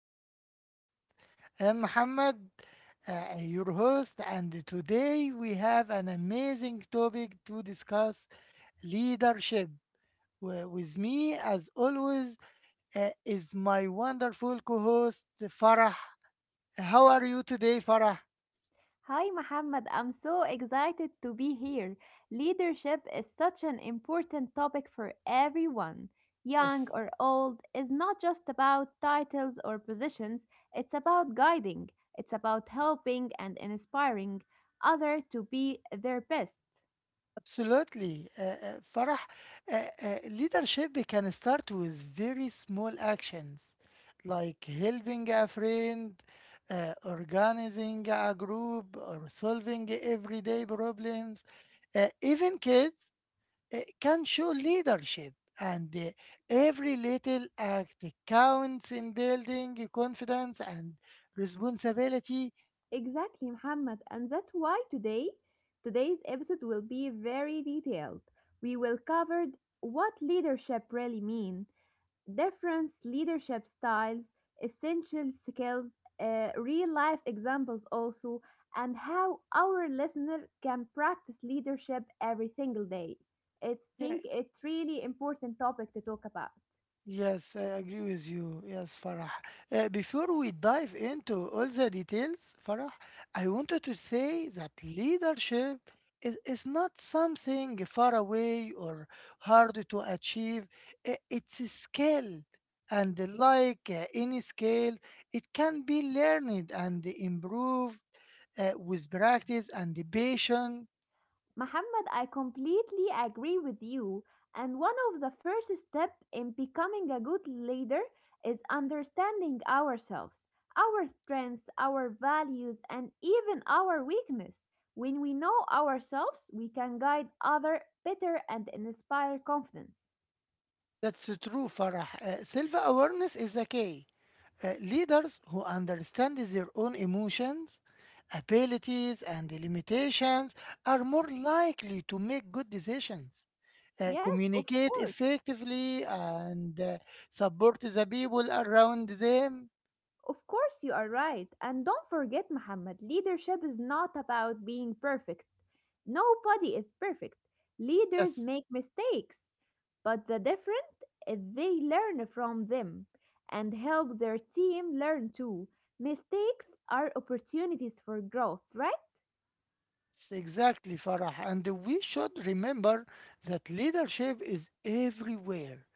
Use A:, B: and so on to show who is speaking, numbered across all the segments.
A: our podcast. I'm Muhammad, your host, and today we have an amazing topic to discuss: leadership. With me, as always, is my wonderful co host, Farah. How are you today, Farah?
B: Hi, Mohammed. I'm so excited to be here. Leadership is such an important topic for everyone. Young
A: Yes.
B: or old is not just about titles or positions, it's about guiding, it's about helping and inspiring others to be their best.
A: Absolutely. Farah, uh, leadership can start with very small actions like helping a friend, organizing a group, or solving everyday problems. Even kids can show leadership, and every little act counts in building confidence and responsibility.
B: Exactly, Muhammad, and that's why today's episode will be very detailed. We will cover what leadership really means, different leadership styles, essential skills, real life examples also, and how our listener can practice leadership every single day. I
A: Yeah,
B: think it's really important topic to talk about.
A: yes, I agree with you. Yes, Farah. Before we dive into all the details, Farah, I wanted to say that leadership is not something far away or hard to achieve. It's a skill. And like any skill, it can be learned and improved with practice and patience.
B: Muhammad, I completely agree with you. And one of the first steps in becoming a good leader is understanding ourselves, our strengths, our values, and even our weakness. When we know ourselves, we can guide others better and inspire confidence.
A: That's true, Farah. Self awareness is the key. Leaders who understand their own emotions, abilities, and limitations are more likely to make good decisions,
B: Yes, of
A: communicate
B: course.
A: effectively, and support the people around them.
B: Of course, you are right. And don't forget, Muhammad, leadership is not about being perfect. Nobody is perfect. Leaders
A: Yes.
B: make mistakes. But the difference is they learn from them and help their team learn too. Mistakes are opportunities for growth, right?
A: Exactly, Farah. And we should remember that leadership is everywhere,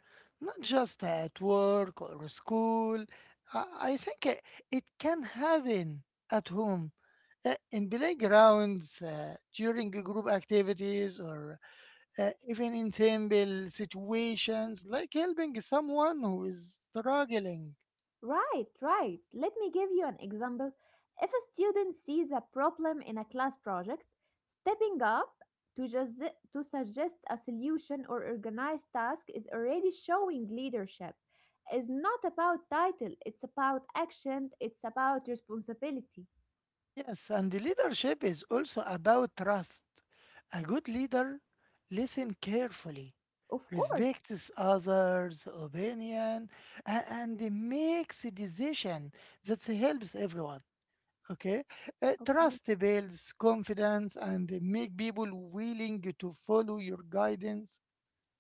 A: not just at work or school. I I think it can happen at home, in playgrounds, during group activities, or even in simple situations like helping someone who is struggling.
B: Right, right. Let me give you an example. If a student sees a problem in a class project, stepping up to just to suggest a solution or organize task is already showing leadership. It's not about title, it's about action, it's about responsibility.
A: Yes, and the leadership is also about trust. A good leader listens carefully,
B: Of course.
A: respects others' opinion, and makes a decision that helps everyone. Okay.
B: Okay.
A: Trust builds confidence and make people willing to follow your guidance.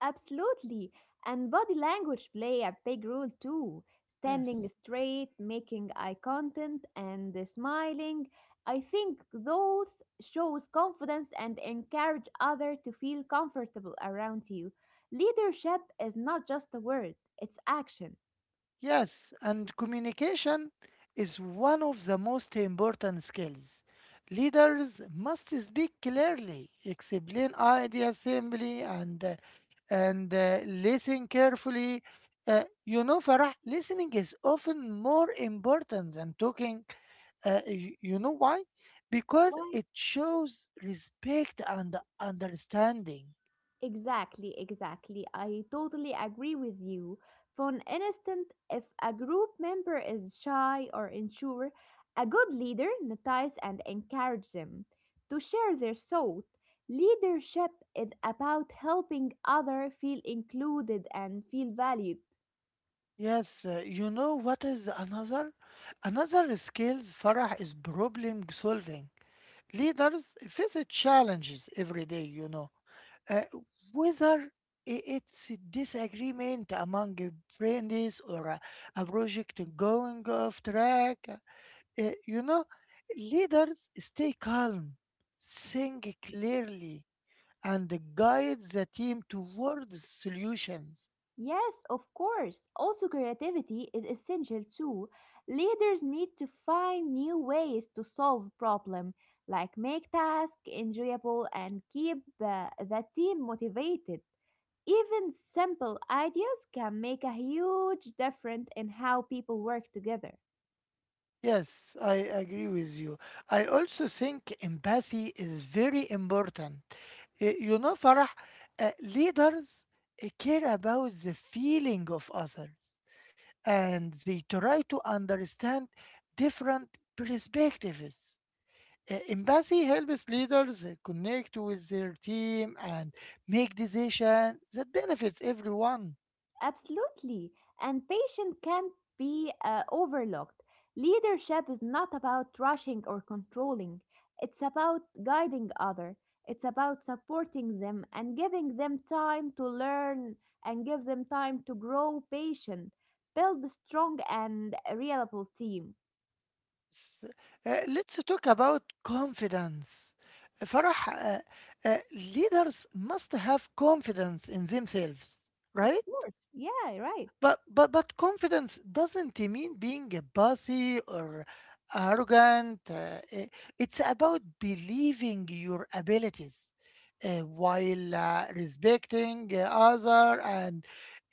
B: Absolutely. And body language play a big role too. Standing
A: Yes.
B: straight, making eye contact, and smiling. I think those shows confidence and encourage others to feel comfortable around you. Leadership is not just a word, it's action.
A: Yes, and communication is one of the most important skills. Leaders must speak clearly, explain ideas simply, and listen carefully. You know, Farah, listening is often more important than talking. You know why? Because
B: Why?
A: it shows respect and understanding.
B: Exactly, exactly. I totally agree with you. For an instance, if a group member is shy or unsure, a good leader notices and encourages them to share their thought. Leadership is about helping others feel included and feel valued.
A: Yes, you know what is another? Another skills, Farah, is problem solving. Leaders face challenges every day. Uh, Whether it's a disagreement among your friends or a project going off track, uh, you know, leaders stay calm, think clearly, and guide the team towards solutions.
B: Yes, of course. Also, creativity is essential too. Leaders need to find new ways to solve problem, like make tasks enjoyable and keep the team motivated. Even simple ideas can make a huge difference in how people work together.
A: Yes, I agree with you. I also think empathy is very important. You know, Farah, leaders care about the feeling of others and they try to understand different perspectives. Empathy helps leaders connect with their team and make decisions that benefits everyone.
B: Absolutely. And patience can't be overlooked. Leadership is not about rushing or controlling. It's about guiding others. It's about supporting them and giving them time to learn and give them time to grow patient, build a strong and reliable team.
A: S- Let's talk about confidence. Farah, leaders must have confidence in themselves,
B: Of
A: right?
B: course. Yeah, right.
A: But confidence doesn't mean being bossy or arrogant. It's about believing your abilities while respecting other and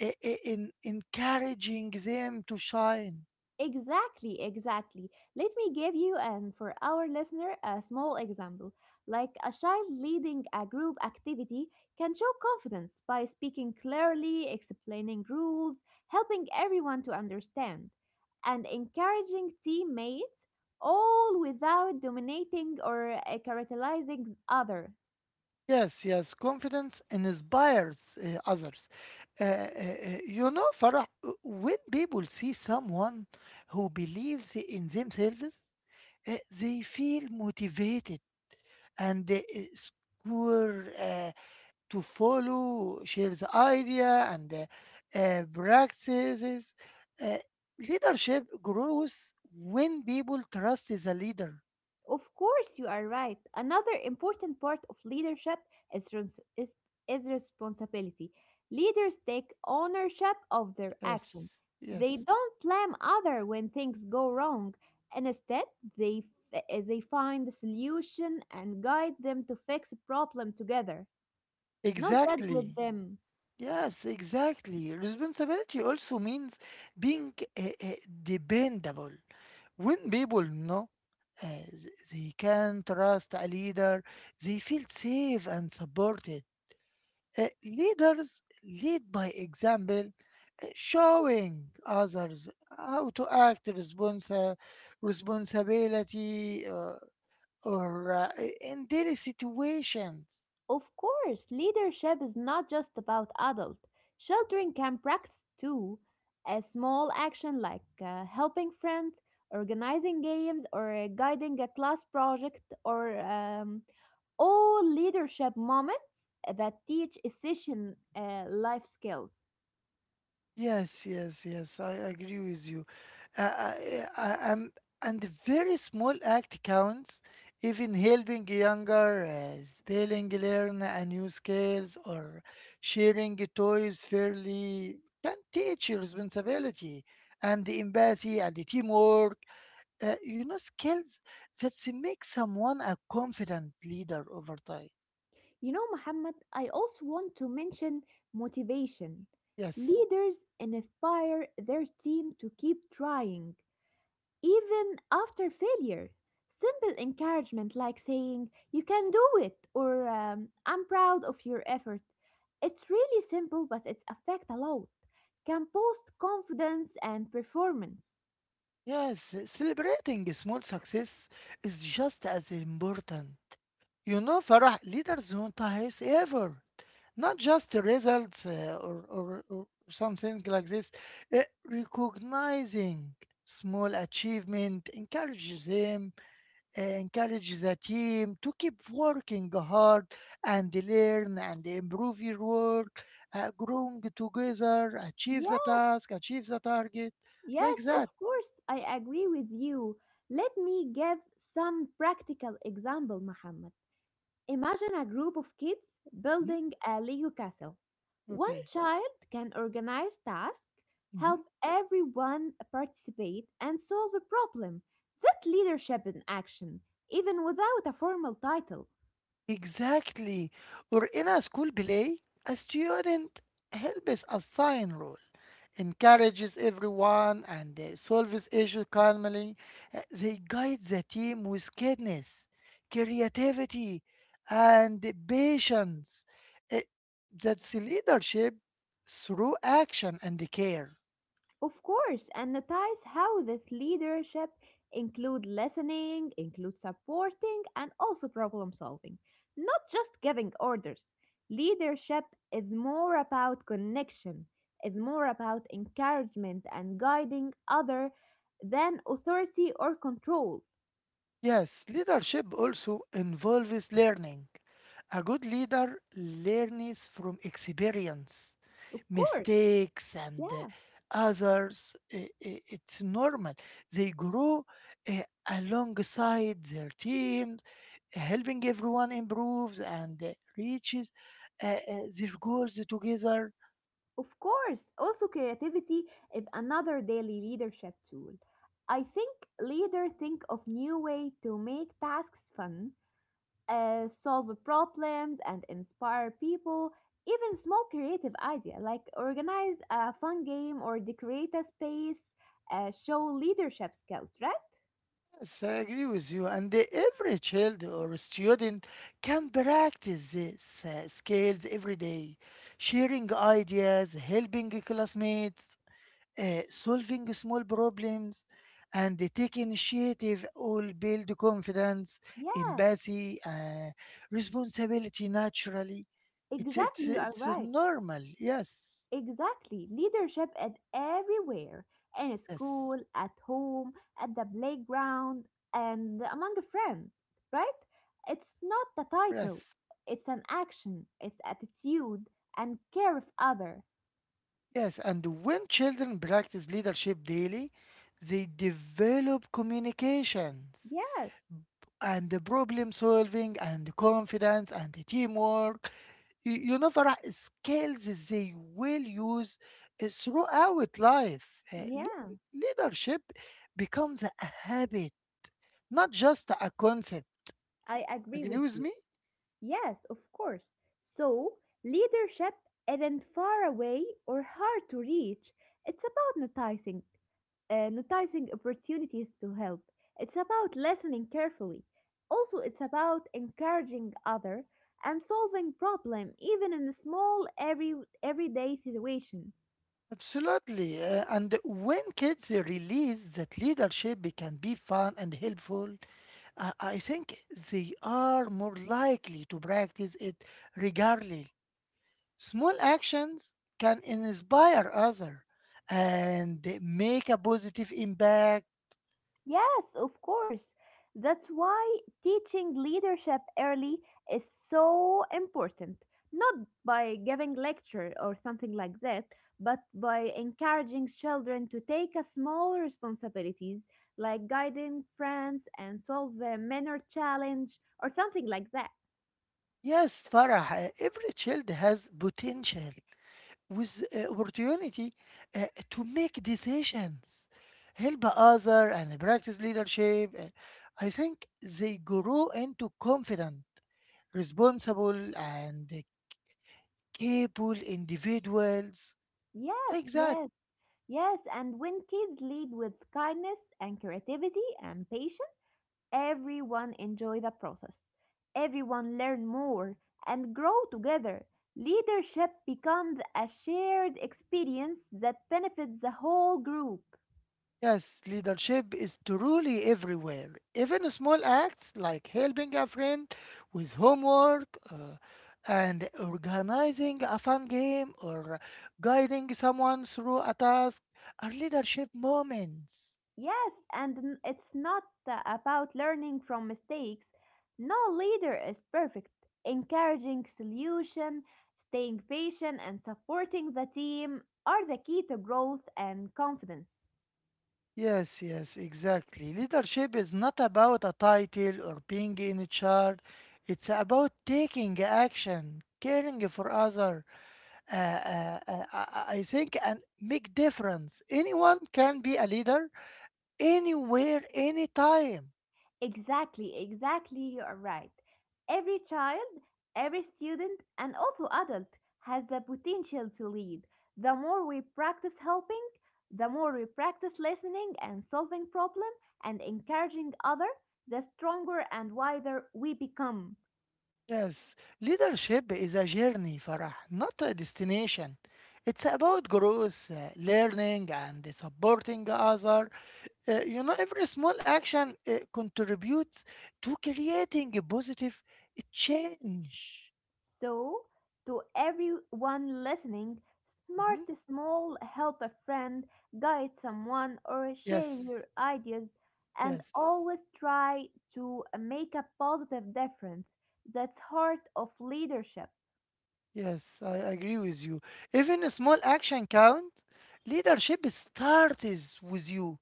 A: encouraging them to shine.
B: Exactly, exactly. Let me give you and for our listener a small example. Like a child leading a group activity can show confidence by speaking clearly, explaining rules, helping everyone to understand, and encouraging teammates, all without dominating or characterizing other.
A: Yes, yes, confidence inspires others. You know, Farah, when people see someone who believes in themselves, they feel motivated and score to follow, share the idea and practices. Uh, Leadership grows when people trust the leader.
B: Of course, you are right. Another important part of leadership is, trans- is, is responsibility. Leaders take ownership of their action.
A: Yes,
B: They
A: yes.
B: don't blame other when things go wrong. Instead, they, they find the solution and guide them to fix a problem together, not judge with
A: Exactly.
B: them.
A: Yes, exactly. Responsibility also means being uh, uh, dependable. When people know they can trust a leader, they feel safe and supported. Leaders lead by example, showing others how to act responsa responsibility or in daily situations.
B: Of course, leadership is not just about adults. Children can practice too. A small action like helping friends, organizing games, or guiding a class project, or all leadership moments that teach essential life skills.
A: Yes, yes, yes. I agree with you. I, am and the very small act counts, even helping younger, spelling learn a new skills or sharing toys fairly can teach you responsibility and the empathy and the teamwork. Skills that make someone a confident leader over time.
B: You know, Muhammad, I also want to mention motivation.
A: Yes.
B: Leaders inspire their team to keep trying even after failure. Simple encouragement like saying, You can do it, or I'm proud of your effort. It's really simple, but it's affect a lot. Can boost confidence and performance.
A: Yes, celebrating a small success is just as important. You know, Farah, leaders monetize effort, not just the results or something like this. Uh, Recognizing small achievement encourages them, encourages the team to keep working hard and learn and improve your work, growing together, achieve
B: Yeah,
A: the task, achieve the target, like
B: yes, of
A: that.
B: course, I agree with you. Let me give some practical example, Muhammad. Imagine a group of kids
A: Mhm.
B: building a Lego castle. One
A: Okay.
B: child can organize tasks,
A: Mm-hmm.
B: help everyone participate, and solve a problem. That leadership in action, even without a formal title.
A: Exactly. Or in a school play, a student helps assign role, encourages everyone, and solves issues calmly. They guide the team with kindness, creativity, and patience. Uh, That's leadership through action and care.
B: Of course, and notice how that leadership include listening, include supporting, and also problem solving. Not just giving orders. Leadership is more about connection, is more about encouragement and guiding other than authority or control.
A: Yes, leadership also involves learning. A good leader learns from experience,
B: Of course,
A: mistakes, and
B: yeah,
A: others. It's normal. They grow uh, alongside their teams, helping everyone improves and reaches their goals together.
B: of course. Also, creativity is another daily leadership tool. I think leader think of new way to make tasks fun, solve problems and inspire people, even small creative idea like organize a fun game or decorate a space, show leadership skills, right?
A: Yes, I agree with you. And every child or student can practice these skills every day, sharing ideas, helping classmates, solving small problems, and they take initiative all build confidence,
B: Yeah,
A: empathy, responsibility naturally. It's, it's,
B: exactly, you are
A: it's
B: right.
A: normal. Yes,
B: Exactly, leadership is everywhere, in
A: yes,
B: school, at home, at the playground, and among friends, right? It's not the title,
A: yes.
B: it's an action, it's attitude, and care of other.
A: Yes, and when children practice leadership daily, they develop communications
B: Yes,
A: and the problem solving and confidence and the teamwork. You know, Farah, skills they will use throughout life. Uh, le-
B: yeah,
A: leadership becomes a habit, not just a concept.
B: I agree
A: Agree
B: with
A: with
B: you.
A: me?
B: Yes, of course. So, leadership isn't far away or hard to reach. It's about noticing opportunities to help. It's about listening carefully. Also, it's about encouraging other and solving problem even in a small everyday situation.
A: Absolutely. And when kids realize that leadership can be fun and helpful, I think they are more likely to practice it regularly. Small actions can inspire others and make a positive impact.
B: Yes, of course. That's why teaching leadership early is so important. Not by giving lecture or something like that, but by encouraging children to take a small responsibilities like guiding friends and solve a minor challenge or something like that.
A: Yes, Farah, every child has potential with opportunity to make decisions, help other, and practice leadership. I think they grow into confident, responsible, and capable individuals
B: Yes,
A: like that.
B: yes. Yes, and when kids lead with kindness and creativity and patience, everyone enjoy the process. Everyone learn more and grow together. Leadership becomes a shared experience that benefits the whole group.
A: Yes, leadership is truly everywhere. Even small acts like helping a friend with homework and organizing a fun game or guiding someone through a task are leadership moments.
B: Yes, and it's not about learning from mistakes. No leader is perfect. Encouraging solution, staying patient and supporting the team are the key to growth and confidence.
A: Yes, yes, exactly. Leadership is not about a title or being in charge. It's about taking action, caring for others, I think and make difference. Anyone can be a leader anywhere, anytime.
B: Exactly, exactly, you are right. Every child, every student, and also adult has the potential to lead. The more we practice helping, the more we practice listening and solving problem and encouraging other, the stronger and wiser we become.
A: Yes, leadership is a journey, Farah, not a destination. It's about growth, learning, and supporting other. Every small action contributes to creating a positive change.
B: So, to everyone listening,
A: Mhm.
B: start small, help a friend, guide someone, or share
A: Yes,
B: your ideas, and
A: yes.
B: always try to make a positive difference. That's heart of leadership.
A: Yes, I agree with you. Even a small action count. Leadership starts with you.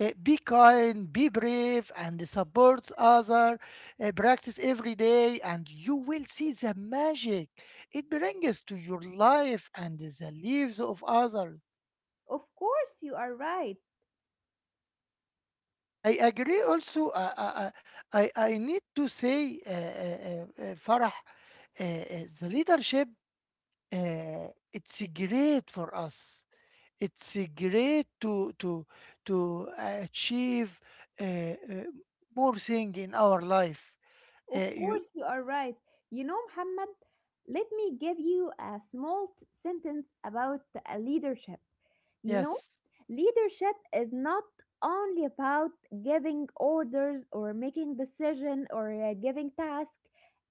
A: Be kind, be brave, and support other. Practice every day, and you will see the magic it brings to your life and the lives of others.
B: Of course, you are right.
A: I agree. Also, I need to say, Farah, the leadership it's great for us. It's great to achieve uh, uh, more thing in our life.
B: Of
A: You
B: course, you are right. You know, Muhammad, let me give you a small sentence about leadership. You know,
A: Yes,
B: leadership is not only about giving orders or making decision or giving task.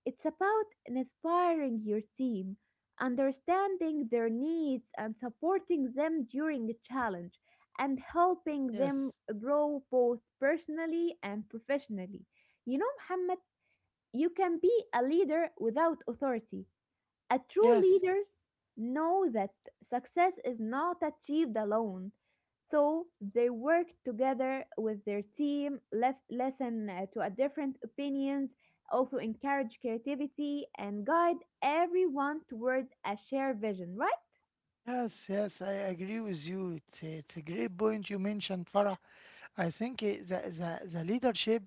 B: It's about inspiring your team, understanding their needs and supporting them during the challenge and helping
A: yes,
B: them grow both personally and professionally. You know, Muhammad, you can be a leader without authority. A true
A: yes,
B: leaders know that success is not achieved alone. So they worked together with their team, left, listen to a different opinions, also encourage creativity and guide everyone toward a shared vision, right?
A: yes, yes. I agree with you. It's a great point you mentioned, Farah. I think the leadership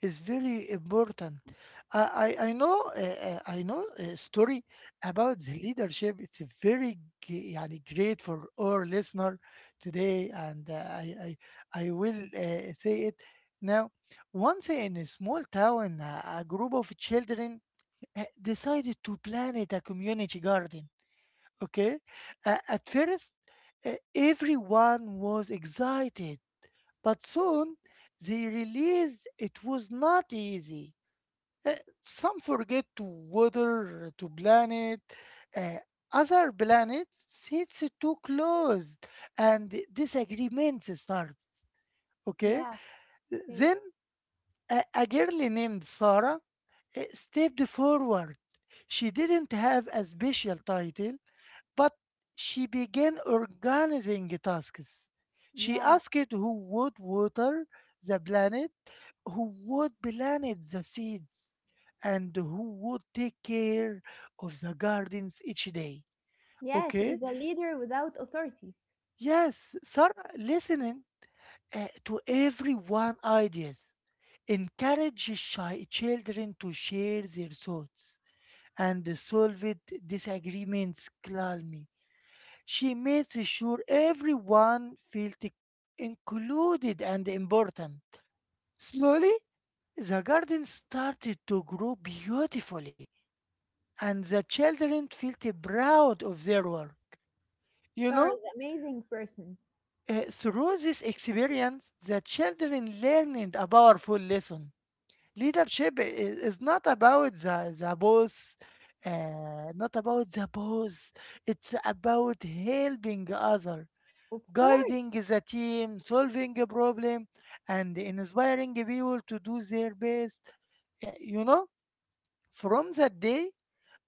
A: is very important. I know a story about the leadership. It's a very g- يعني great for our listener today, and I will say it now. Once in a small town, a group of children decided to plant a community garden. Okay, at first, everyone was excited but soon they realized it was not easy. Uh, Some forget to water to planet, uh, other planets sits too close, and disagreements start. Okay,
B: Yeah, okay.
A: then a girl named Sarah stepped forward. She didn't have a special title. But she began organizing tasks. She
B: Yeah.
A: asked who would water the planet, who would plant the seeds, and who would take care of the gardens each day.
B: Yeah, she
A: Okay?
B: is a leader without authority.
A: Yes, Sarah listening to everyone ideas encourage shy children to share their thoughts and solve disagreements calmly. She makes sure everyone feels included and important. Slowly, the garden started to grow beautifully, and the children felt proud of their work. You
B: Thor
A: know,
B: is an amazing person.
A: Through this experience, the children learned a powerful lesson. Leadership is not about the boss, not about the boss. It's about helping others
B: Of course.
A: guiding the team, solving a problem, and inspiring people to do their best. Yeah. You know, from that day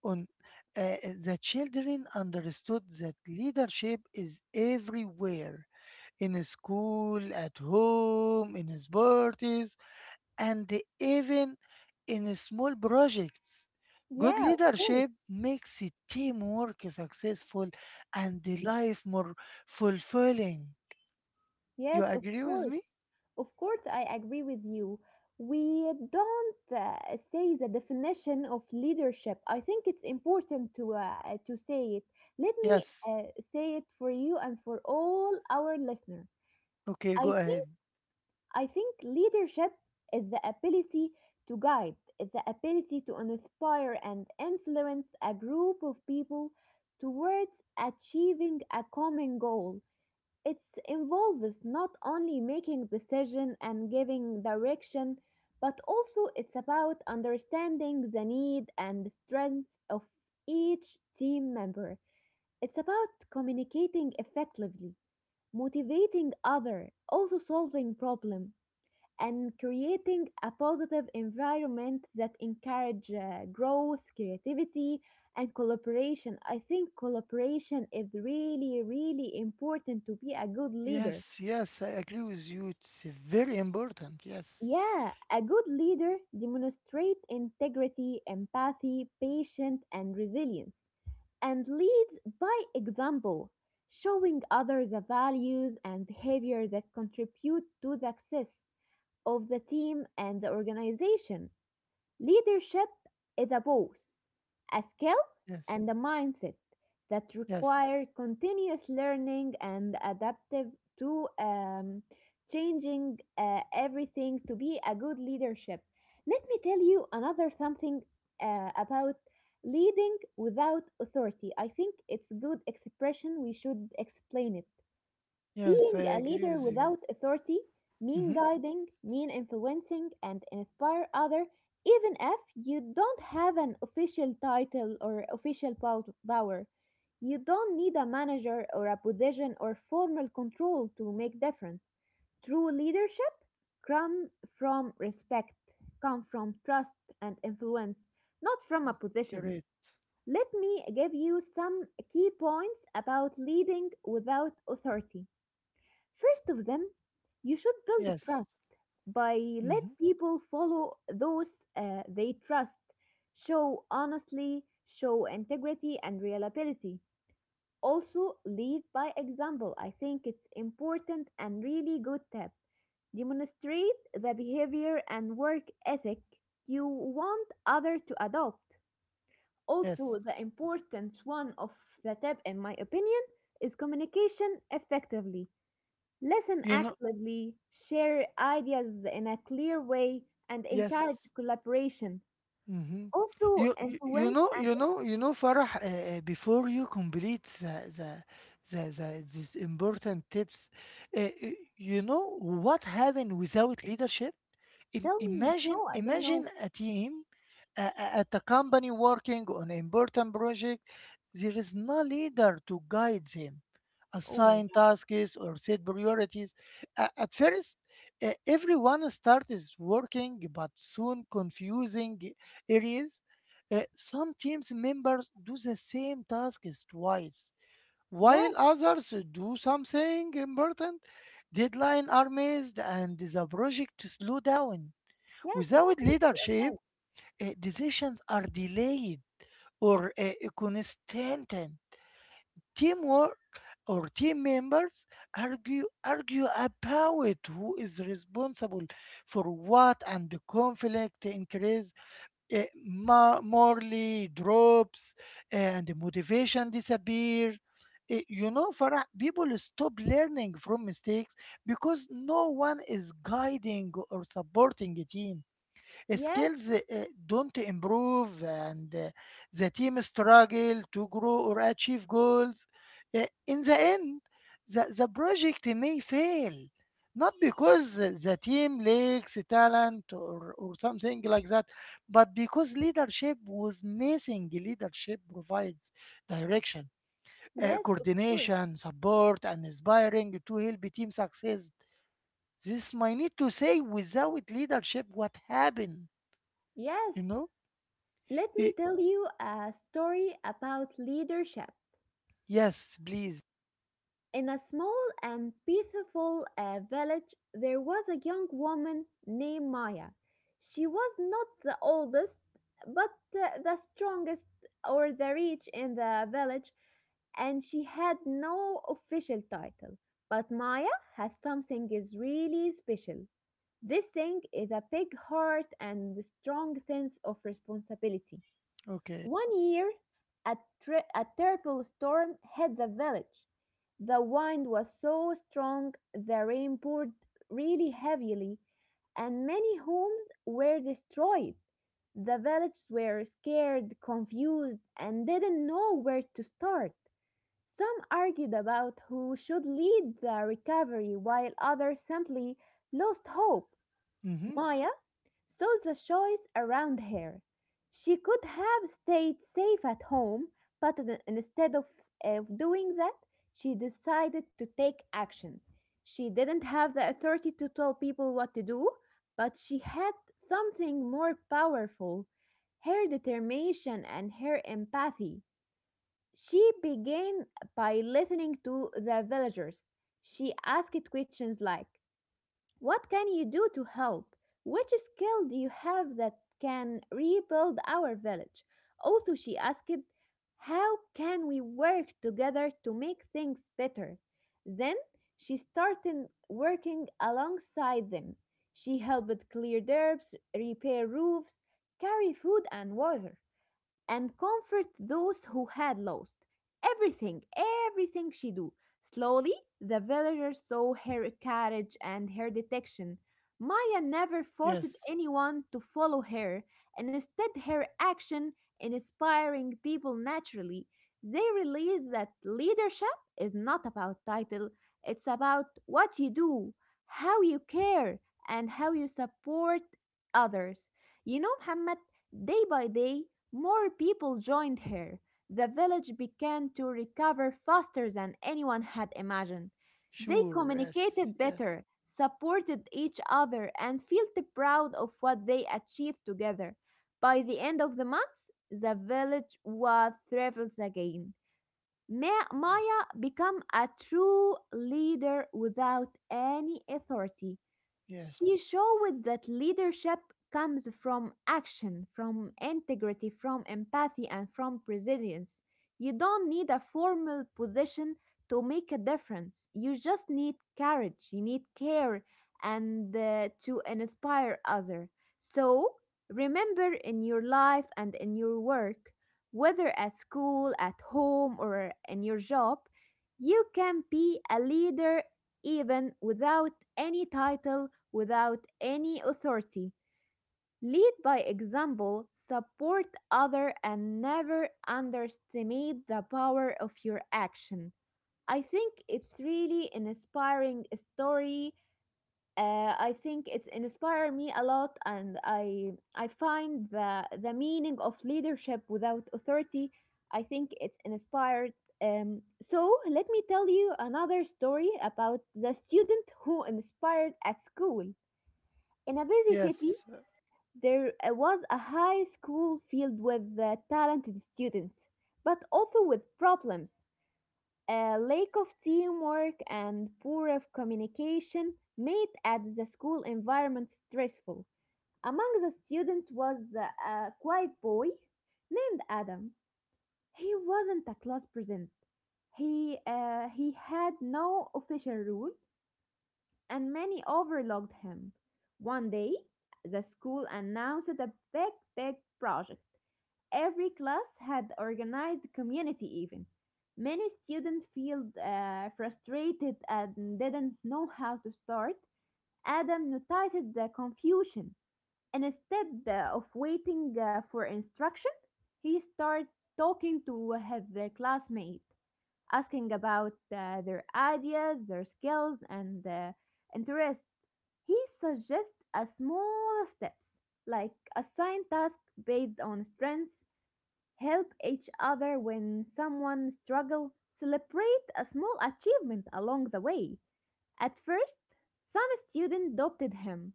A: on, uh, the children understood that leadership is everywhere in school, at home, in sports, and even in small projects. Good
B: Yeah, of course.
A: leadership makes a teamwork successful and the life more fulfilling. You
B: Yes, of
A: agree with
B: course.
A: me?
B: Of course, I agree with you. We don't say the definition of leadership. I think it's important to say it. Let me
A: Yes.
B: uh, say it for you and for all our listeners.
A: Okay, go
B: I
A: ahead.
B: think I think leadership is the ability to guide, is the ability to inspire and influence a group of people towards achieving a common goal. It involves not only making decisions and giving direction, but also it's about understanding the need and strengths of each team member. It's about communicating effectively, motivating others, also solving problems, and creating a positive environment that encourages growth, creativity, and collaboration. I think collaboration is really, really important to be a good leader.
A: Yes, yes, I agree with you. It's very important. Yes,
B: Yeah, a good leader demonstrates integrity, empathy, patience, and resilience, and leads by example, showing others the values and behavior that contribute to the success of the team and the organization. Leadership is a both a skill
A: yes,
B: and a mindset that
A: yes,
B: require continuous learning and adaptive to changing everything to be a good leadership. Let me tell you another something about leading without authority. I think it's good expression. We should explain it.
A: yes,
B: Being
A: I
B: a
A: agree
B: leader
A: with you.
B: without authority mean
A: Mm-hmm.
B: guiding, mean influencing and inspire other even if you don't have an official title or official power. You don't need a manager or a position or formal control to make difference. True leadership come from respect, come from trust and influence, not from a
A: You're
B: position.
A: right.
B: Let me give you some key points about leading without authority. First of them, you should build
A: Yes.
B: trust by
A: Mm-hmm.
B: let people follow those they trust. Show honestly, show integrity and reliability. Also, lead by example. I think it's important and really good tip. Demonstrate the behavior and work ethic you want other to adopt.
A: Yes.
B: Also, the important one of the tip, in my opinion, is communication effectively. Listen
A: You know,
B: actively, share ideas in a clear way, and encourage
A: yes.
B: collaboration.
A: Mm-hmm.
B: Also,
A: You, you you
B: influence
A: know
B: and
A: you know you know Farah, before you complete these important tips, uh, uh, you know what happened without leadership? Im-
B: tell me,
A: imagine
B: no, I don't know.
A: imagine a team at a company working on important project, there is no leader to guide them,
B: Oh my
A: assign
B: God.
A: tasks or set priorities. At first, everyone starts working, but soon confusing areas. Some teams members do the same tasks twice,
B: Yes,
A: while others do something important. Deadlines are missed, and the project slow down.
B: yes, of
A: Without
B: course you are
A: leadership
B: right.
A: decisions are delayed or constant. Teamwork or team members argue about who is responsible for what, and the conflict increase, morally drops, and motivation disappears. You know, Farah, people stop learning from mistakes because no one is guiding or supporting a team
B: Yes,
A: skills don't improve and the team struggle to grow or achieve goals. In the end, the project may fail, not because the team lacks talent or something like that, but because leadership was missing. Leadership provides direction,
B: yes, of course.
A: coordination, support, and inspiring to help team success. This might need to say without leadership what happened,
B: Yes.
A: you know?
B: Let me
A: Y-
B: tell you a story about leadership.
A: Yes, please.
B: In a small and peaceful village, there was a young woman named Maya. She was not the oldest, but the strongest or the rich in the village, and she had no official title. But Maya had something is really special. This thing is a big heart and a strong sense of responsibility.
A: Okay.
B: One year, a, a terrible storm hit the village. The wind was so strong, the rain poured really heavily, and many homes were destroyed. The villagers were scared, confused, and didn't know where to start. Some argued about who should lead the recovery, while others simply lost hope.
A: Mm-hmm.
B: Maya saw the choice around her. She could have stayed safe at home, but instead of doing that, she decided to take action. She didn't have the authority to tell people what to do, but she had something more powerful, her determination and her empathy. She began by listening to the villagers. She asked questions like, what can you do to help? Which skill do you have that can rebuild our village? Also, she asked, how can we work together to make things better? Then she started working alongside them. She helped clear herbs, repair roofs, carry food and water, and comfort those who had lost everything, everything she do. Slowly, the villagers saw her courage and her detection. Maya never forced
A: Yes.
B: anyone to follow her, and instead her action inspiring people naturally. They realize that leadership is not about title, it's about what you do, how you care, and how you support others. You know, Muhammad, day by day, more people joined her. The village began to recover faster than anyone had imagined. They
A: Sure. Yes.
B: communicated
A: Yes.
B: better, supported each other, and felt proud of what they achieved together. By the end of the month, the village was thrived again. Maya became a true leader without any authority. She
A: Yes.
B: showed that leadership comes from action, from integrity, from empathy, and from resilience. You don't need a formal position to make a difference. You just need courage, you need care, and to inspire others. So, remember in your life and in your work, whether at school, at home, or in your job, you can be a leader even without any title, without any authority. Lead by example, support other and never underestimate the power of your action. I think it's really an inspiring story. I think it's inspired me a lot, and I find the meaning of leadership without authority. I think it's inspired, so let me tell you another story about the student who inspired at school. In a busy city,
A: Yes.
B: there was a high school filled with talented students, but also with problems. A lack of teamwork and poor of communication made at the school environment stressful. Among the students was a quiet boy named Adam. He wasn't a class present. He had no official role, and many overlooked him. One day, the school announced a big project. Every class had organized community. Even many students felt frustrated and didn't know how to start. Adam noticed the confusion. Instead of waiting for instruction, he started talking to his classmate, asking about their ideas, their skills, and interests. He suggests a small steps, like assign tasks based on strengths, help each other when someone struggles, celebrate a small achievement along the way. At first, some student doubted him.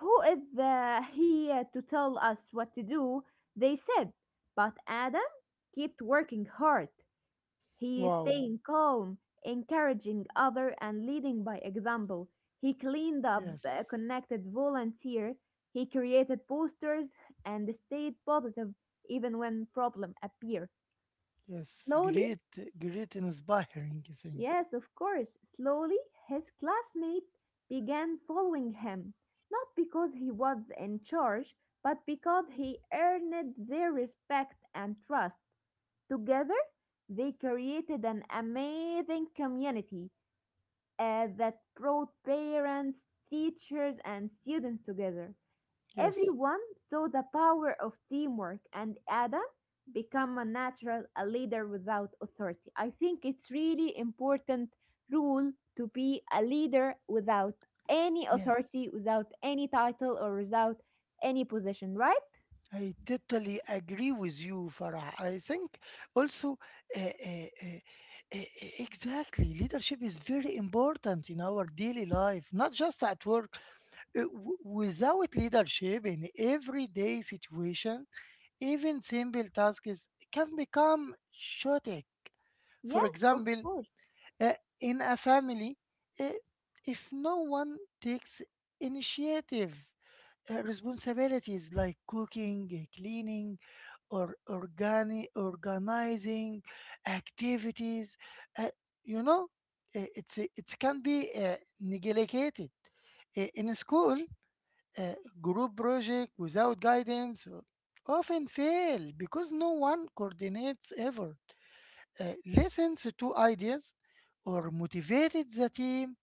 B: Who is he to tell us what to do? They said. But Adam kept working hard. He is
A: Wow.
B: staying calm, encouraging other and leading by example. He cleaned up,
A: Yes.
B: connected volunteer, he created posters and stayed positive even when problem appear.
A: Yes.
B: Slowly,
A: Great. Great. Inspiring thing.
B: yes, of course, slowly his classmate began following him, not because he was in charge, but because he earned their respect and trust. Together, they created an amazing community that brought parents, teachers, and students together.
A: Yes.
B: Everyone saw the power of teamwork, and Adam became a natural a leader without authority. I think it's really important rule to be a leader without any
A: Yes.
B: authority, without any title, or without any position, right?
A: I totally agree with you, Farah. I think also uh, uh, uh, uh, uh, exactly leadership is very important in our daily life, not just at work. Without leadership in everyday situation, even simple tasks can become chaotic. For
B: Yes, of
A: example,
B: course.
A: uh, in a family, uh, if no one takes initiative, responsibilities like cooking, cleaning, or organizing activities, uh, you know, it's it can be neglected. In school, uh, group projects without guidance often fail because no one coordinates effort, listens to ideas, or motivates the team.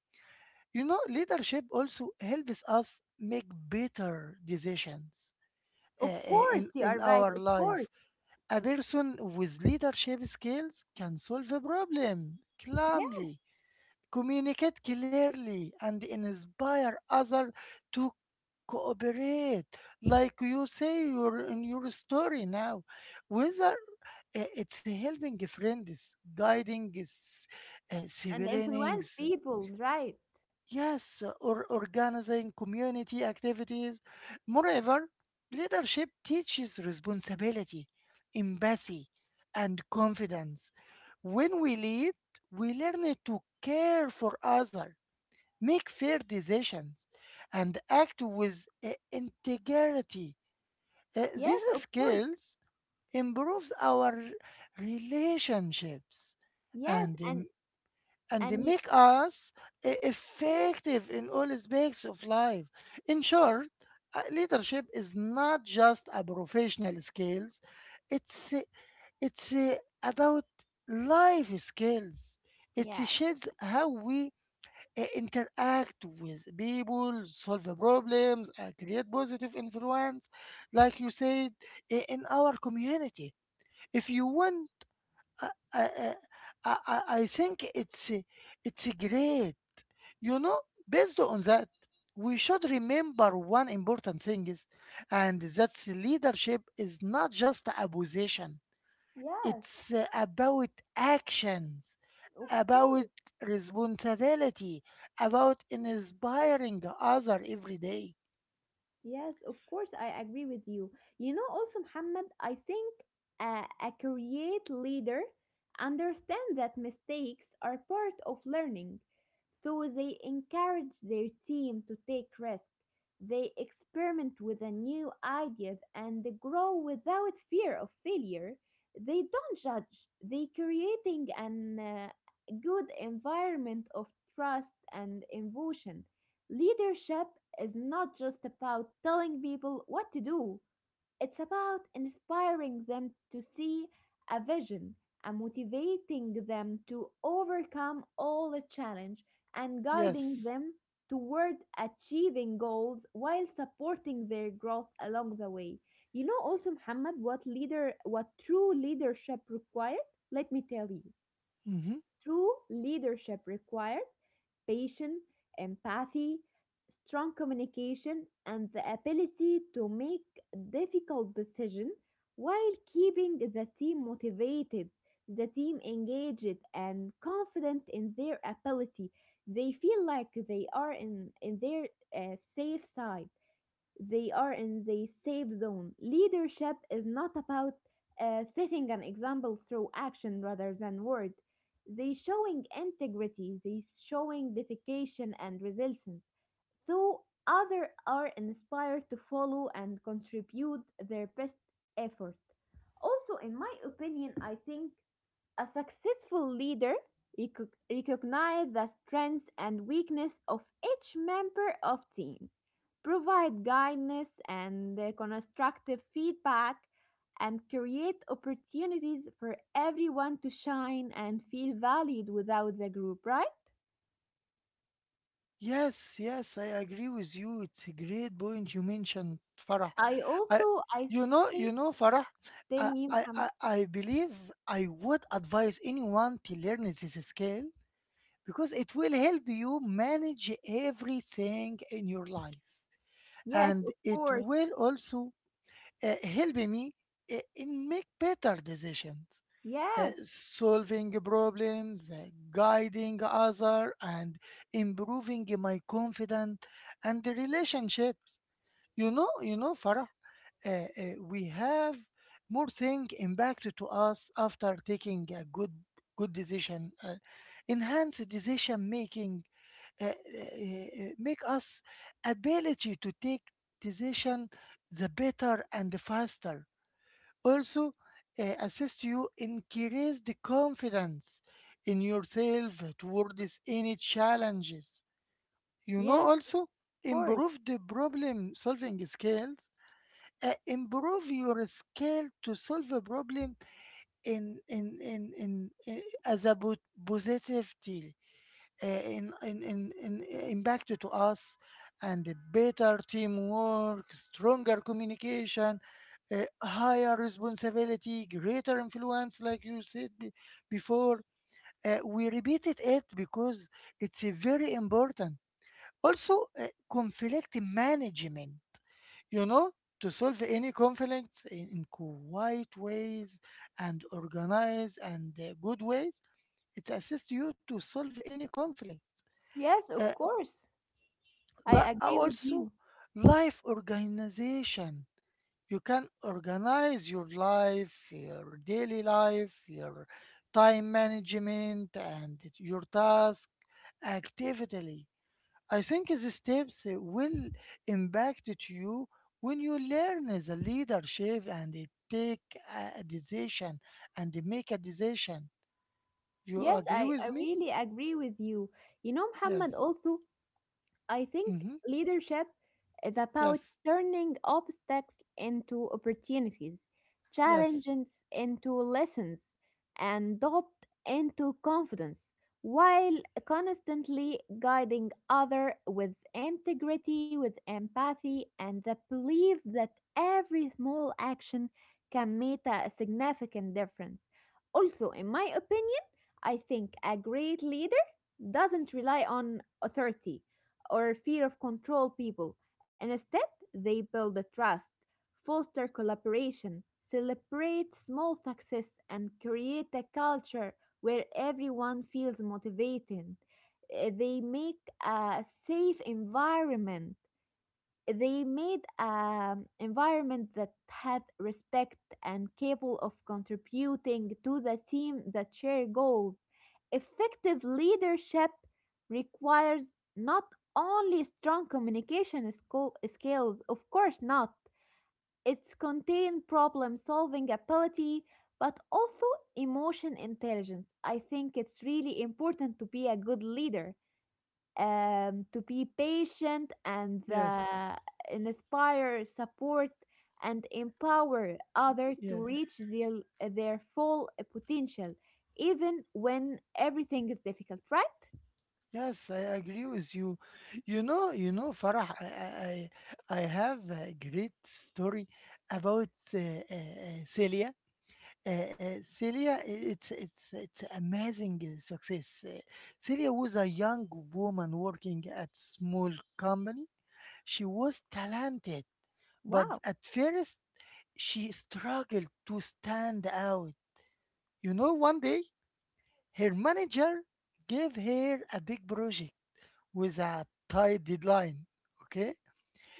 A: You know, leadership also helps us make better decisions uh,
B: Of
A: uh, in,
B: course, you
A: in
B: are right.
A: our
B: Of course.
A: life. A person with leadership skills can solve a problem calmly, communicate clearly, and inspire others to cooperate, like you say your in your story now, whether it's helping friends, guiding
B: And influence
A: siblings,
B: people, right?
A: yes, or organizing community activities. Moreover, leadership teaches responsibility, empathy, and confidence. When we lead, we learn to care for others, make fair decisions, and act with integrity.
B: Yes,
A: These
B: of course.
A: skills improves our relationships
B: Yes,
A: and and they
B: and you,
A: make us effective in all aspects of life. In short, leadership is not just a professional skills; it's uh, it's about life skills. It
B: yeah,
A: shapes how we interact with people, solve problems, create positive influence, like you said, in our community. If you want, uh, uh, uh, I think it's great. You know, based on that, we should remember one important thing is, and that's leadership is not just a position.
B: yes,
A: It's about actions,
B: of course.
A: about responsibility, about inspiring other every day.
B: Yes, of course. I agree with you. You know, also, Muhammad, I think a create leader understand that mistakes are part of learning. So they encourage their team to take risks. They experiment with the new ideas and they grow without fear of failure. They don't judge. They creating an good environment of trust and innovation. Leadership is not just about telling people what to do. It's about inspiring them to see a vision and motivating them to overcome all the challenge and guiding
A: Yes.
B: them toward achieving goals while supporting their growth along the way. You know also Muhammad what leader what true leadership required? Let me tell you.
A: Hmm.
B: True leadership required patience, empathy, strong communication, and the ability to make difficult decisions while keeping the team motivated, the team engaged, and confident in their ability. They feel like they are in their safe side. They are in the safe zone. Leadership is not about setting an example through action rather than word. They showing integrity. They showing dedication and resilience. So others are inspired to follow and contribute their best effort. Also, in my opinion, I think a successful leader recognizes the strengths and weakness of each member of team, provide guidance and constructive feedback, and create opportunities for everyone to shine and feel valued without the group, right?
A: Yes, yes, I agree with you. It's a great point you mentioned, Farah.
B: I
A: I,
B: also, I think,
A: you know, Farah,
B: tell
A: I,
B: me,
A: I,
B: Ham.
A: I I believe I would advise anyone to learn this skill because it will help you manage everything in your life.
B: Yes,
A: And
B: of
A: it
B: course.
A: will also help me in make better decisions,
B: Yes,
A: solving problems, guiding other, and improving my confidence and the relationships. You know, farah, uh, we have more thing impact to us after taking a good decision. Enhanced decision making make us ability to take decision the better and the faster. Also, assist you increase the confidence in yourself towards any challenges. You know,
B: yes, of
A: also
B: course.
A: improve the problem solving skills. Improve your skill to solve a problem in as a positive in impact to us, and a better teamwork, stronger communication, higher responsibility, greater influence, like you said before. We repeated it because it's a very important. Also, conflict management, you know, to solve any conflicts in quiet ways and organized and good ways. It assists you to solve any conflict.
B: Yes,
A: Uh,
B: of course. I
A: li- uh,
B: agree with
A: Also
B: you.
A: life organization, you can organize your life, your daily life, your time management, and your task actively. I think these steps will impact to you when you learn the leadership and take a decision and make a decision. You
B: Yes,
A: agree
B: I
A: with me?
B: really agree with you. You know, Muhammad,
A: Yes.
B: also, I think
A: Hmm.
B: leadership is about
A: Yes.
B: turning obstacles into opportunities,
A: Yes.
B: challenges into lessons, and doubt into confidence, while constantly guiding others with integrity, with empathy, and the belief that every small action can make a significant difference. Also, in my opinion, I think a great leader doesn't rely on authority or fear of control people, and instead they build a trust, foster collaboration, celebrate small success, and create a culture where everyone feels motivated. They make a safe environment. They made an environment that had respect and capable of contributing to the team that share goals. Effective leadership requires not only strong communication skills, of course not, it's contained problem solving ability, but also emotion intelligence. I think it's really important to be a good leader, to be patient and
A: Yes.
B: inspire, support, and empower others
A: Yes.
B: to reach their full potential, even when everything is difficult, right?
A: Yes, I agree with you. You know, Farah, I have a great story about Celia. Celia, it's amazing success. Celia was a young woman working at small company. She was talented, but
B: Wow.
A: at first she struggled to stand out. You know, one day her manager gave her a big project with a tight deadline. Okay?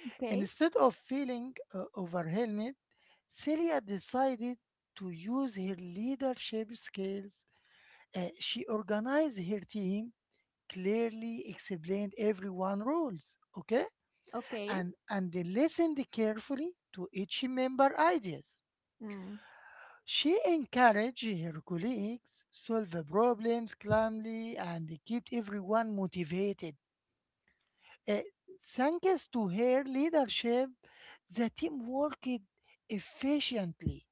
B: Okay.
A: Instead of feeling overwhelmed, Celia decided to use her leadership skills. She organized her team, clearly explained everyone roles, okay?
B: Okay.
A: And they listened carefully to each member ideas.
B: Mm.
A: She encouraged her colleagues solve the problems calmly and kept everyone motivated. Uh, Thanks to her leadership, the team worked efficiently,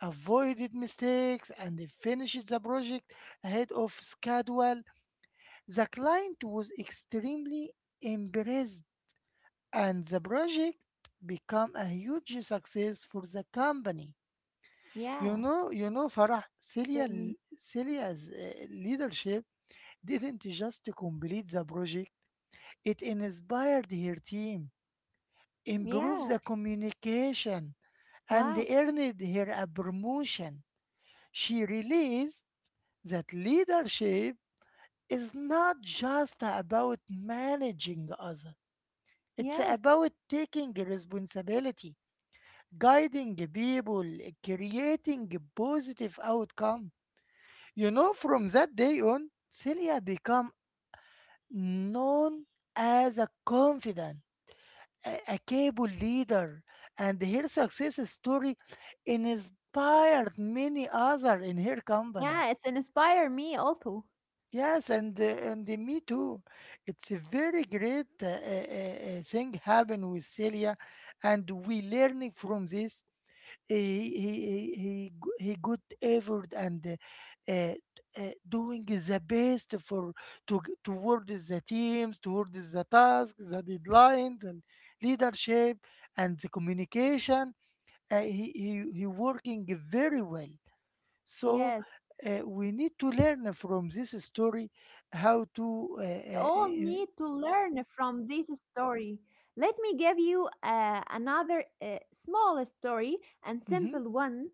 A: avoided mistakes, and finished the project ahead of schedule. The client was extremely impressed, and the project became a huge success for the company.
B: Yeah.
A: You know, Farah,
B: Tell me.
A: Celia's leadership didn't just complete the project; it inspired her team, improves
B: Yeah.
A: the communication, and
B: Wow.
A: earned her a promotion. She realized that leadership is not just about managing others, it's
B: Yes.
A: about taking responsibility, guiding people, creating a positive outcome. You know, from that day on, Celia became known as a confidant, a capable leader, and her success story inspired many others in her company.
B: Yeah, it's inspire me also.
A: Yes, and me too. It's a very great thing happened with Celia, and we learning from this he good effort and uh, uh, doing the best for to towards the teams, towards the tasks, the deadlines, and leadership and the communication. He working very well. So
B: Yes.
A: we need to learn from this story how to.
B: We all need to learn from this story. Let me give you another small story and
A: Mhm.
B: simple one.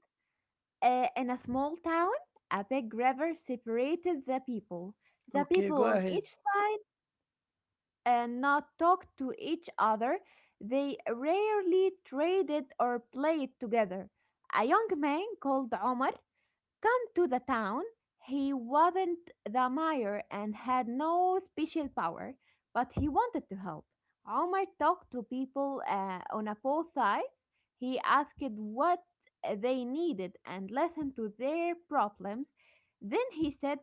B: In a small town, a big river separated the people. The
A: Okay,
B: people
A: go
B: on
A: ahead.
B: each side not talked to each other. They rarely traded or played together. A young man called Omar come to the town, he wasn't the mayor and had no special power, but he wanted to help. Omar talked to people on both sides. He asked what they needed and listened to their problems. Then he said,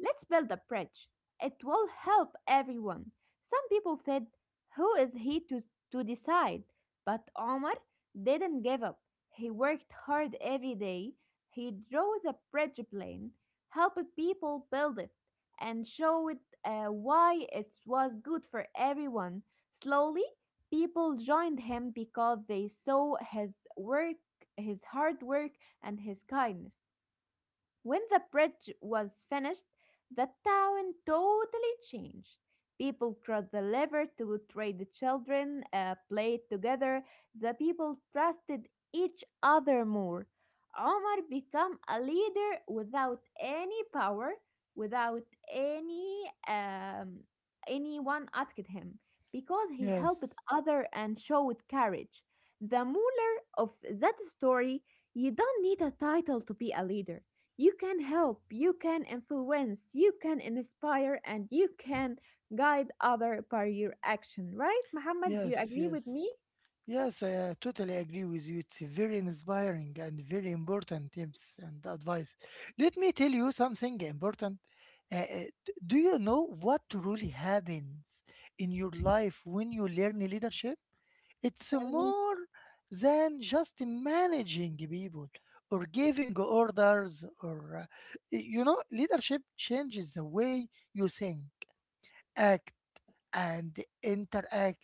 B: let's build a bridge. It will help everyone. Some people said, who is he to decide? But Omar didn't give up. He worked hard every day. He drew the bridge plan, helped people build it, and showed why it was good for everyone. Slowly, people joined him because they saw his work, his hard work, and his kindness. When the bridge was finished, the town totally changed. People crossed the river to trade, the children played together, the people trusted each other more. Omar became a leader without any power, without any anyone asking him, because he helped
A: Yes,
B: other and showed courage. The ruler of that story, you don't need a title to be a leader. You can help, you can influence, you can inspire, and you can guide other by your action, right? Muhammad, do you
A: yes,
B: agree with
A: yes.
B: me?
A: Yes, I totally agree with you. It's very inspiring and very important tips and advice. Let me tell you something important. Uh, uh, do you know what really happens in your life when you learn leadership? It's
B: Tell me.
A: more than just managing people or giving orders, you know, leadership changes the way you think, act, and interact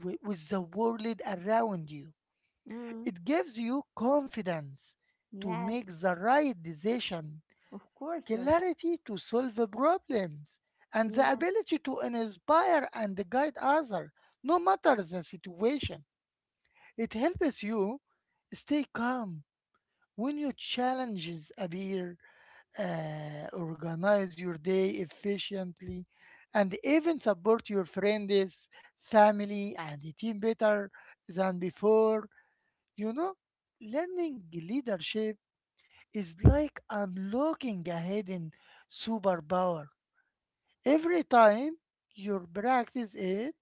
A: with the world around you.
B: Mm,
A: It gives you confidence to
B: yeah,
A: make the right decision,
B: of course you're right.
A: clarity to solve problems, and the
B: Yeah,
A: ability to inspire and guide others, no matter the situation. It helps you stay calm when your challenges appear, organize your day efficiently, and even support your friends, family, and team better than before. You know, learning leadership is like unlocking a hidden superpower. Every time you practice it,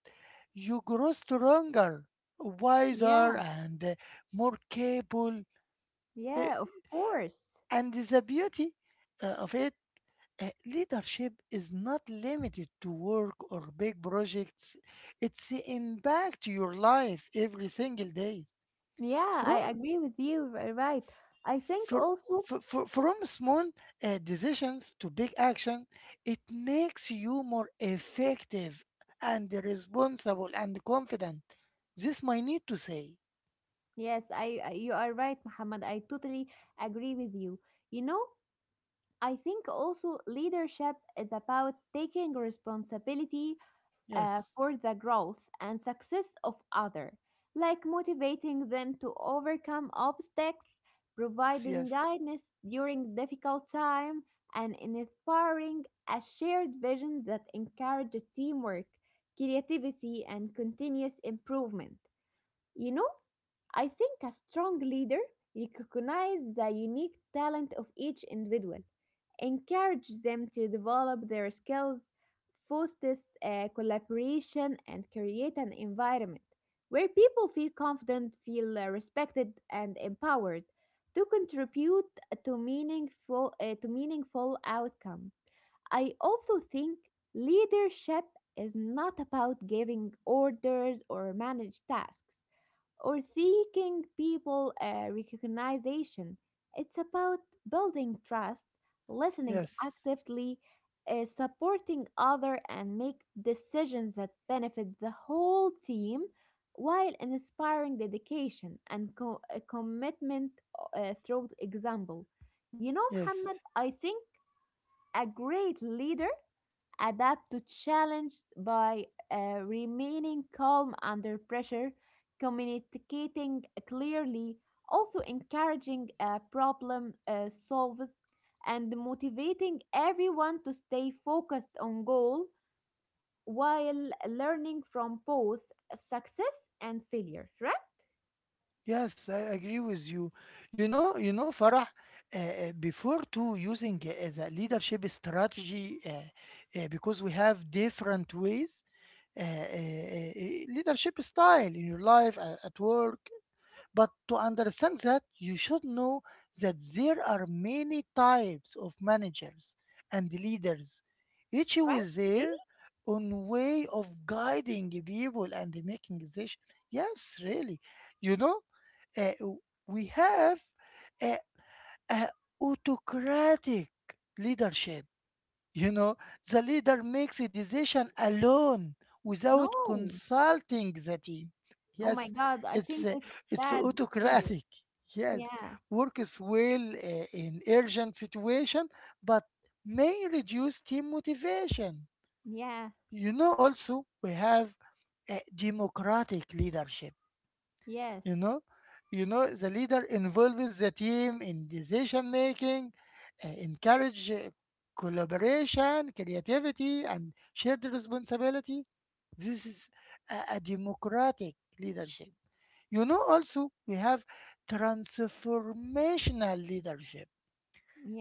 A: you grow stronger, wiser,
B: yeah,
A: and more capable. Uh,
B: yeah, of course.
A: And the beauty of it, leadership is not limited to work or big projects. It's impact your life every single day.
B: Yeah, I
A: From
B: agree with you. Right. I think
A: for,
B: also,
A: for, from small decisions to big action, it makes you more effective and responsible and confident. This my need to say.
B: yes, I you are right, Muhammad. I totally agree with you. You know, I think also leadership is about taking responsibility
A: Yes,
B: for the growth and success of others, like motivating them to overcome obstacles,
A: yes,
B: providing
A: yes,
B: guidance during difficult time, and inspiring a shared vision that encourages teamwork, creativity, and continuous improvement. You know, I think a strong leader recognizes the unique talent of each individual, encourages them to develop their skills, fosters collaboration, and create an environment where people feel confident, feel respected, and empowered to contribute to meaningful outcomes. I also think leadership is not about giving orders or manage tasks or seeking people recognition. It's about building trust, listening
A: yes,
B: actively, supporting other and make decisions that benefit the whole team while inspiring dedication and commitment through example. You know, Muhammad,
A: yes,
B: I think a great leader adapt to challenge by remaining calm under pressure, communicating clearly, also encouraging problem solved, and motivating everyone to stay focused on goal while learning from both success and failure. Right?
A: yes. I agree with you. You know, Farah. Before to using the leadership strategy, because we have different ways. uh, uh, Leadership style in your life at work. But to understand that, you should know that there are many types of managers and leaders, each
B: Right?
A: with
B: Really?
A: their own way of guiding people and making decisions. Yes, really. You know, uh, we have a, a autocratic leadership. You know, the leader makes a decision alone without
B: No.
A: consulting the team.
B: Oh my
A: Yes,
B: God! I
A: it's
B: think
A: uh,
B: it's
A: it's
B: bad leader.
A: autocratic. Yes,
B: Yeah.
A: works well in urgent situation, but may reduce team motivation.
B: Yeah.
A: You know, also we have democratic leadership.
B: Yes.
A: You know you know the leader involves the team in decision making, encourage collaboration, creativity, and shared responsibility. This is a democratic leadership. You know, also we have transformational leadership.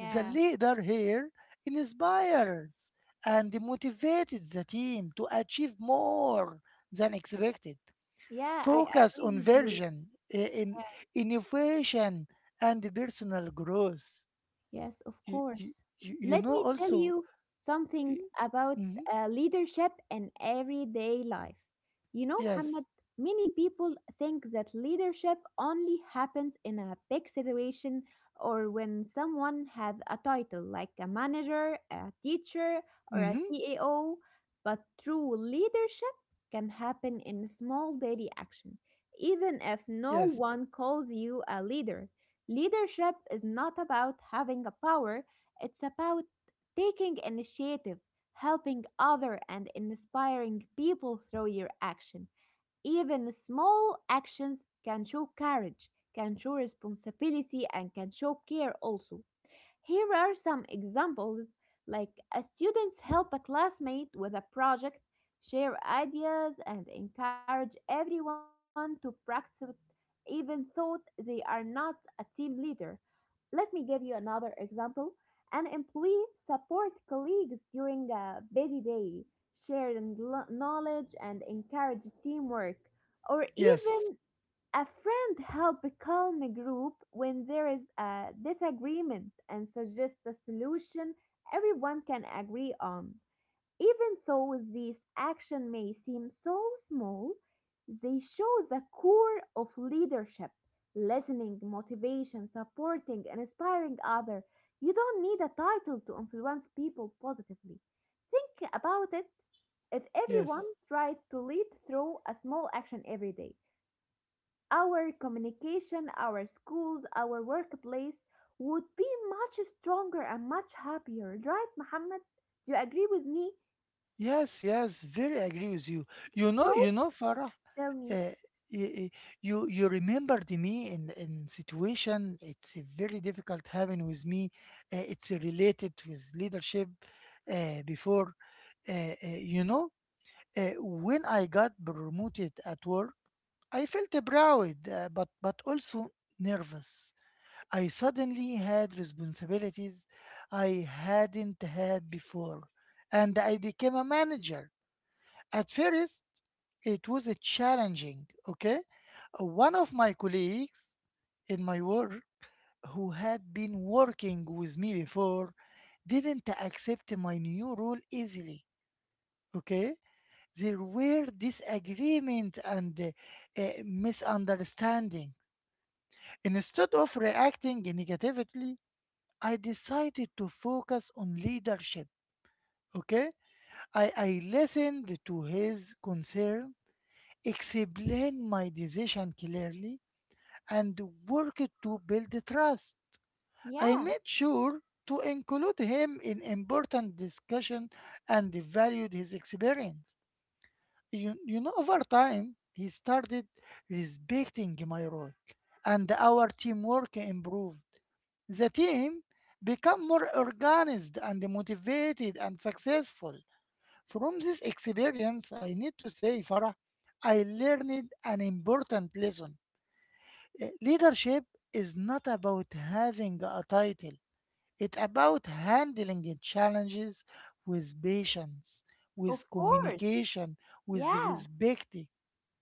A: The leader here inspires and motivates the team to achieve more than expected.
B: Yeah, I
A: Focus
B: agree
A: on
B: with you.
A: version, in innovation and personal growth.
B: Yes, of
A: You, you,
B: course.
A: you you
B: Let
A: know
B: me tell
A: also.
B: you something
A: Eh,
B: about
A: mm-hmm,
B: leadership in everyday life. You know,
A: yes.
B: Muhammad, many people think that leadership only happens in a big situation or when someone has a title like a manager, a teacher, or a
A: Mm-hmm,
B: CEO. But true leadership can happen in small daily action, even if no
A: yes.
B: one calls you a leader. Leadership is not about having a power, it's about taking initiative, helping other and inspiring people through your action. Even small actions can show courage, can show responsibility and can show care also. Here are some examples like a students help a classmate with a project, share ideas and encourage everyone to practice even though they are not a team leader. Let me give you another example. An employee support colleagues during a busy day, sharing knowledge and encourage teamwork, or
A: Yes.
B: even a friend help calm a group when there is a disagreement and suggest a solution everyone can agree on. Even though these actions may seem so small, they show the core of leadership listening, motivation, supporting, and inspiring others. You don't need a title to influence people positively. Think about it if everyone
A: Yes.
B: tried to lead through a small action every day, our communication, our schools, our workplace would be much stronger and much happier, right, Muhammad? Do you agree with me?
A: Yes. Yes. Very agree with you. You know.
B: So,
A: You know, Farah.
B: tell me.
A: Uh, y- y- you you remembered me in situation. It's a very difficult having with me. It's related with leadership. Uh, before, uh, you know, when I got promoted at work, I felt proud, but also nervous. I suddenly had responsibilities I hadn't had before, and I became a manager. At first, it was a challenging, okay? One of my colleagues in my work who had been working with me before didn't accept my new role easily, okay? There were disagreement and misunderstanding. Instead of reacting negatively, I decided to focus on leadership. Okay? I listened to his concern, explained my decision clearly, and worked to build trust. I
B: Yeah,
A: made sure to include him in important discussion and valued his experience. You know, over time, he started respecting my role, and our teamwork improved. The team became more organized and motivated and successful. From this experience, I need to say, Farah, I learned an important lesson. Leadership is not about having a title. It's about handling the challenges with patience,
B: of
A: with
B: course.
A: communication, with
B: Yeah.
A: respect.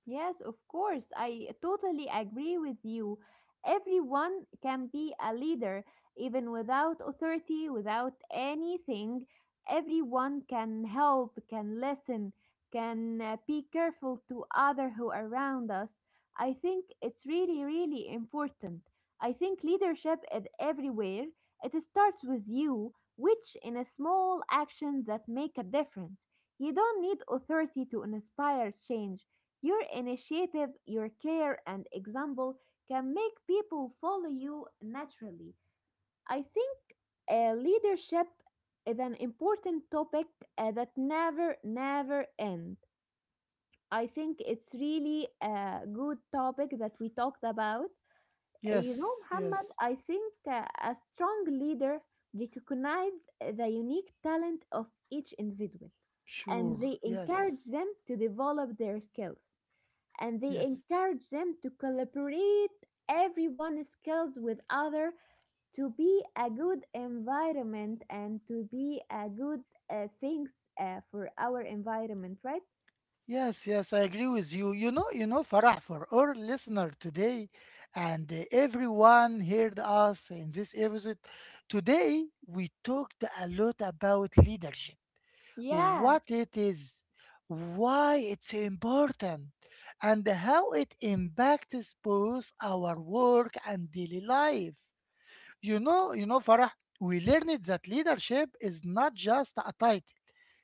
B: Yes, of course. I totally agree with you. Everyone can be a leader, even without authority, without anything. Everyone can help, can listen, can be careful to other who are around us. I think it's really, really important. I think leadership is everywhere. It starts with you, which in a small actions that make a difference. You don't need authority to inspire change your initiative, your care, and example can make people follow you naturally. I think leadership is an important topic that never, never ends. I think it's really a good topic that we talked about. You know,
A: Yes,
B: Muhammad,
A: yes,
B: I think a strong leader recognizes the unique talent of each individual and
A: sure.
B: they encourage
A: Yes,
B: them to develop their skills and they
A: yes,
B: encourage them to collaborate everyone's skills with other to be a good environment and to be a good things for our environment, right?
A: yes, yes. I agree with you. You know, Farah, for our listener today and everyone heard us in this episode, today we talked a lot about leadership,
B: Yeah.
A: what it is, why it's important, and how it impacts both our work and daily life. You know, Farah, we learned that leadership is not just a title.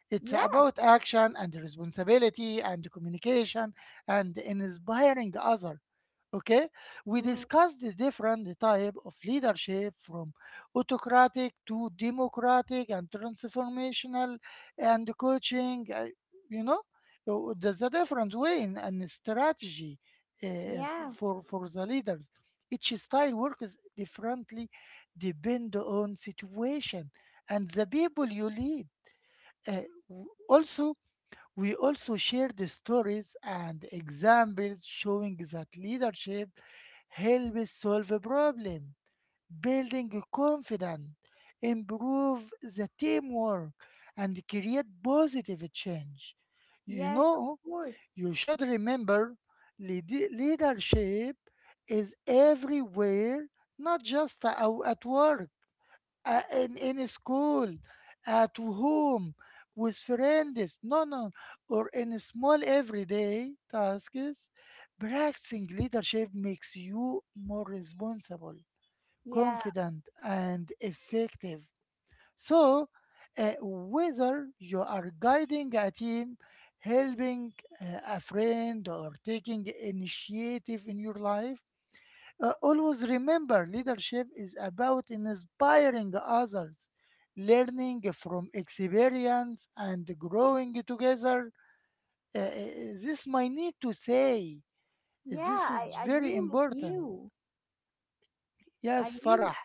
A: It's
B: Yeah.
A: about action and responsibility and communication and inspiring others, okay. We
B: Mm.
A: discussed the different type of leadership from autocratic to democratic and transformational and coaching, you know. There's a different way in and strategy
B: Yeah.
A: for the leaders. Each style works differently depend on situation and the people you lead. Uh, Also we also shared the stories and examples showing that leadership helps solve a problem, building confidence, improve the teamwork, and create positive change. You
B: Yes, of
A: know,
B: course.
A: you should remember leadership is everywhere, not just at work, in school, at home, with friends, no, no, or in small everyday tasks. Practicing leadership makes you more responsible,
B: Yeah.
A: confident, and effective. So, whether you are guiding a team, helping a friend, or taking initiative in your life, always remember leadership is about inspiring others, learning from experience, and growing together. This I need to say. This
B: Yeah,
A: is
B: I
A: very
B: agree with
A: important.
B: you. i
A: Yes,
B: really
A: Farah.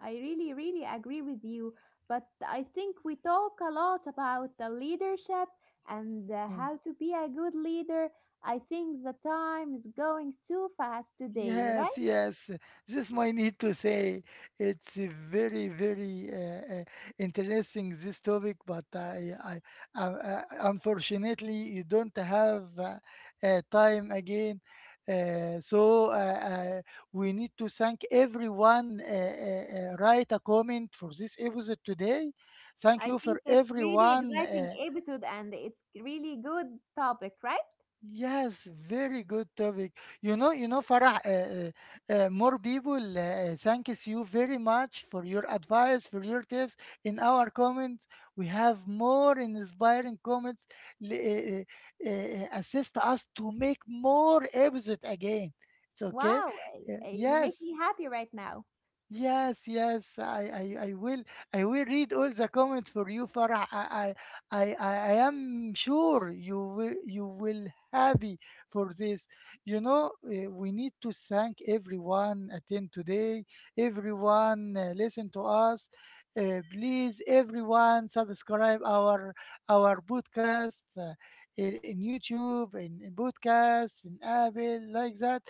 B: I really, really agree with you. But I think we talk a lot about the leadership and how
A: Yes.
B: to be a good leader. I think the time is going too fast today,
A: Yes,
B: right?
A: yes. This might need to say it's a very, very interesting this topic, but unfortunately, you don't have time again. So we need to thank everyone. Write a comment for this episode today. Thank
B: I
A: you for
B: think it's really
A: everyone.
B: exciting episode and it's really good topic, right?
A: Yes, very good topic. You know, Farah, more people thanks you very much for your advice, for your tips. In our comments, we have more inspiring comments l- uh, assist us to make more episode again. It's okay.
B: Wow, you make
A: Yes.
B: me happy right now.
A: Yes, yes, I will read all the comments for you, Farah. I I am sure you will happy for this. You know, we need to thank everyone attend today, everyone listen to us. Please, everyone subscribe our podcast in YouTube, in podcasts, in Apple, like that.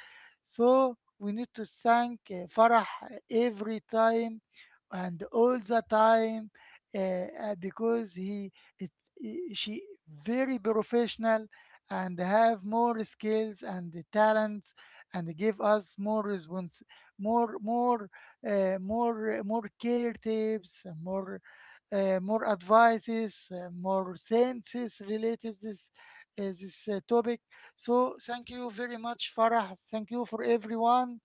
A: So we need to thank Farah every time and all the time because he it, she very professional and have more skills and talents and give us more response, more more more care tips, more advices, more senses related this this topic. So thank you very much, Farah. Thank you for everyone.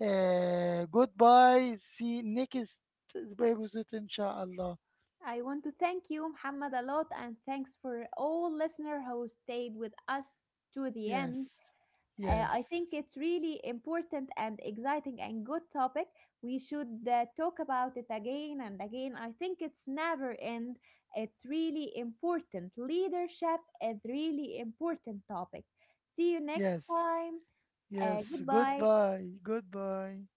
A: Goodbye. See you next episode, inshallah.
B: I want to thank you, Muhammad, a lot, and thanks for all listener who stayed with us to the end.
A: Yes,
B: I think
A: yes,
B: it's really important and exciting and good topic. We should talk about it again and again. I think it's never end. It's really important. Leadership is really important topic. See you next
A: yes,
B: time.
A: yes.
B: Goodbye.
A: Goodbye. Goodbye.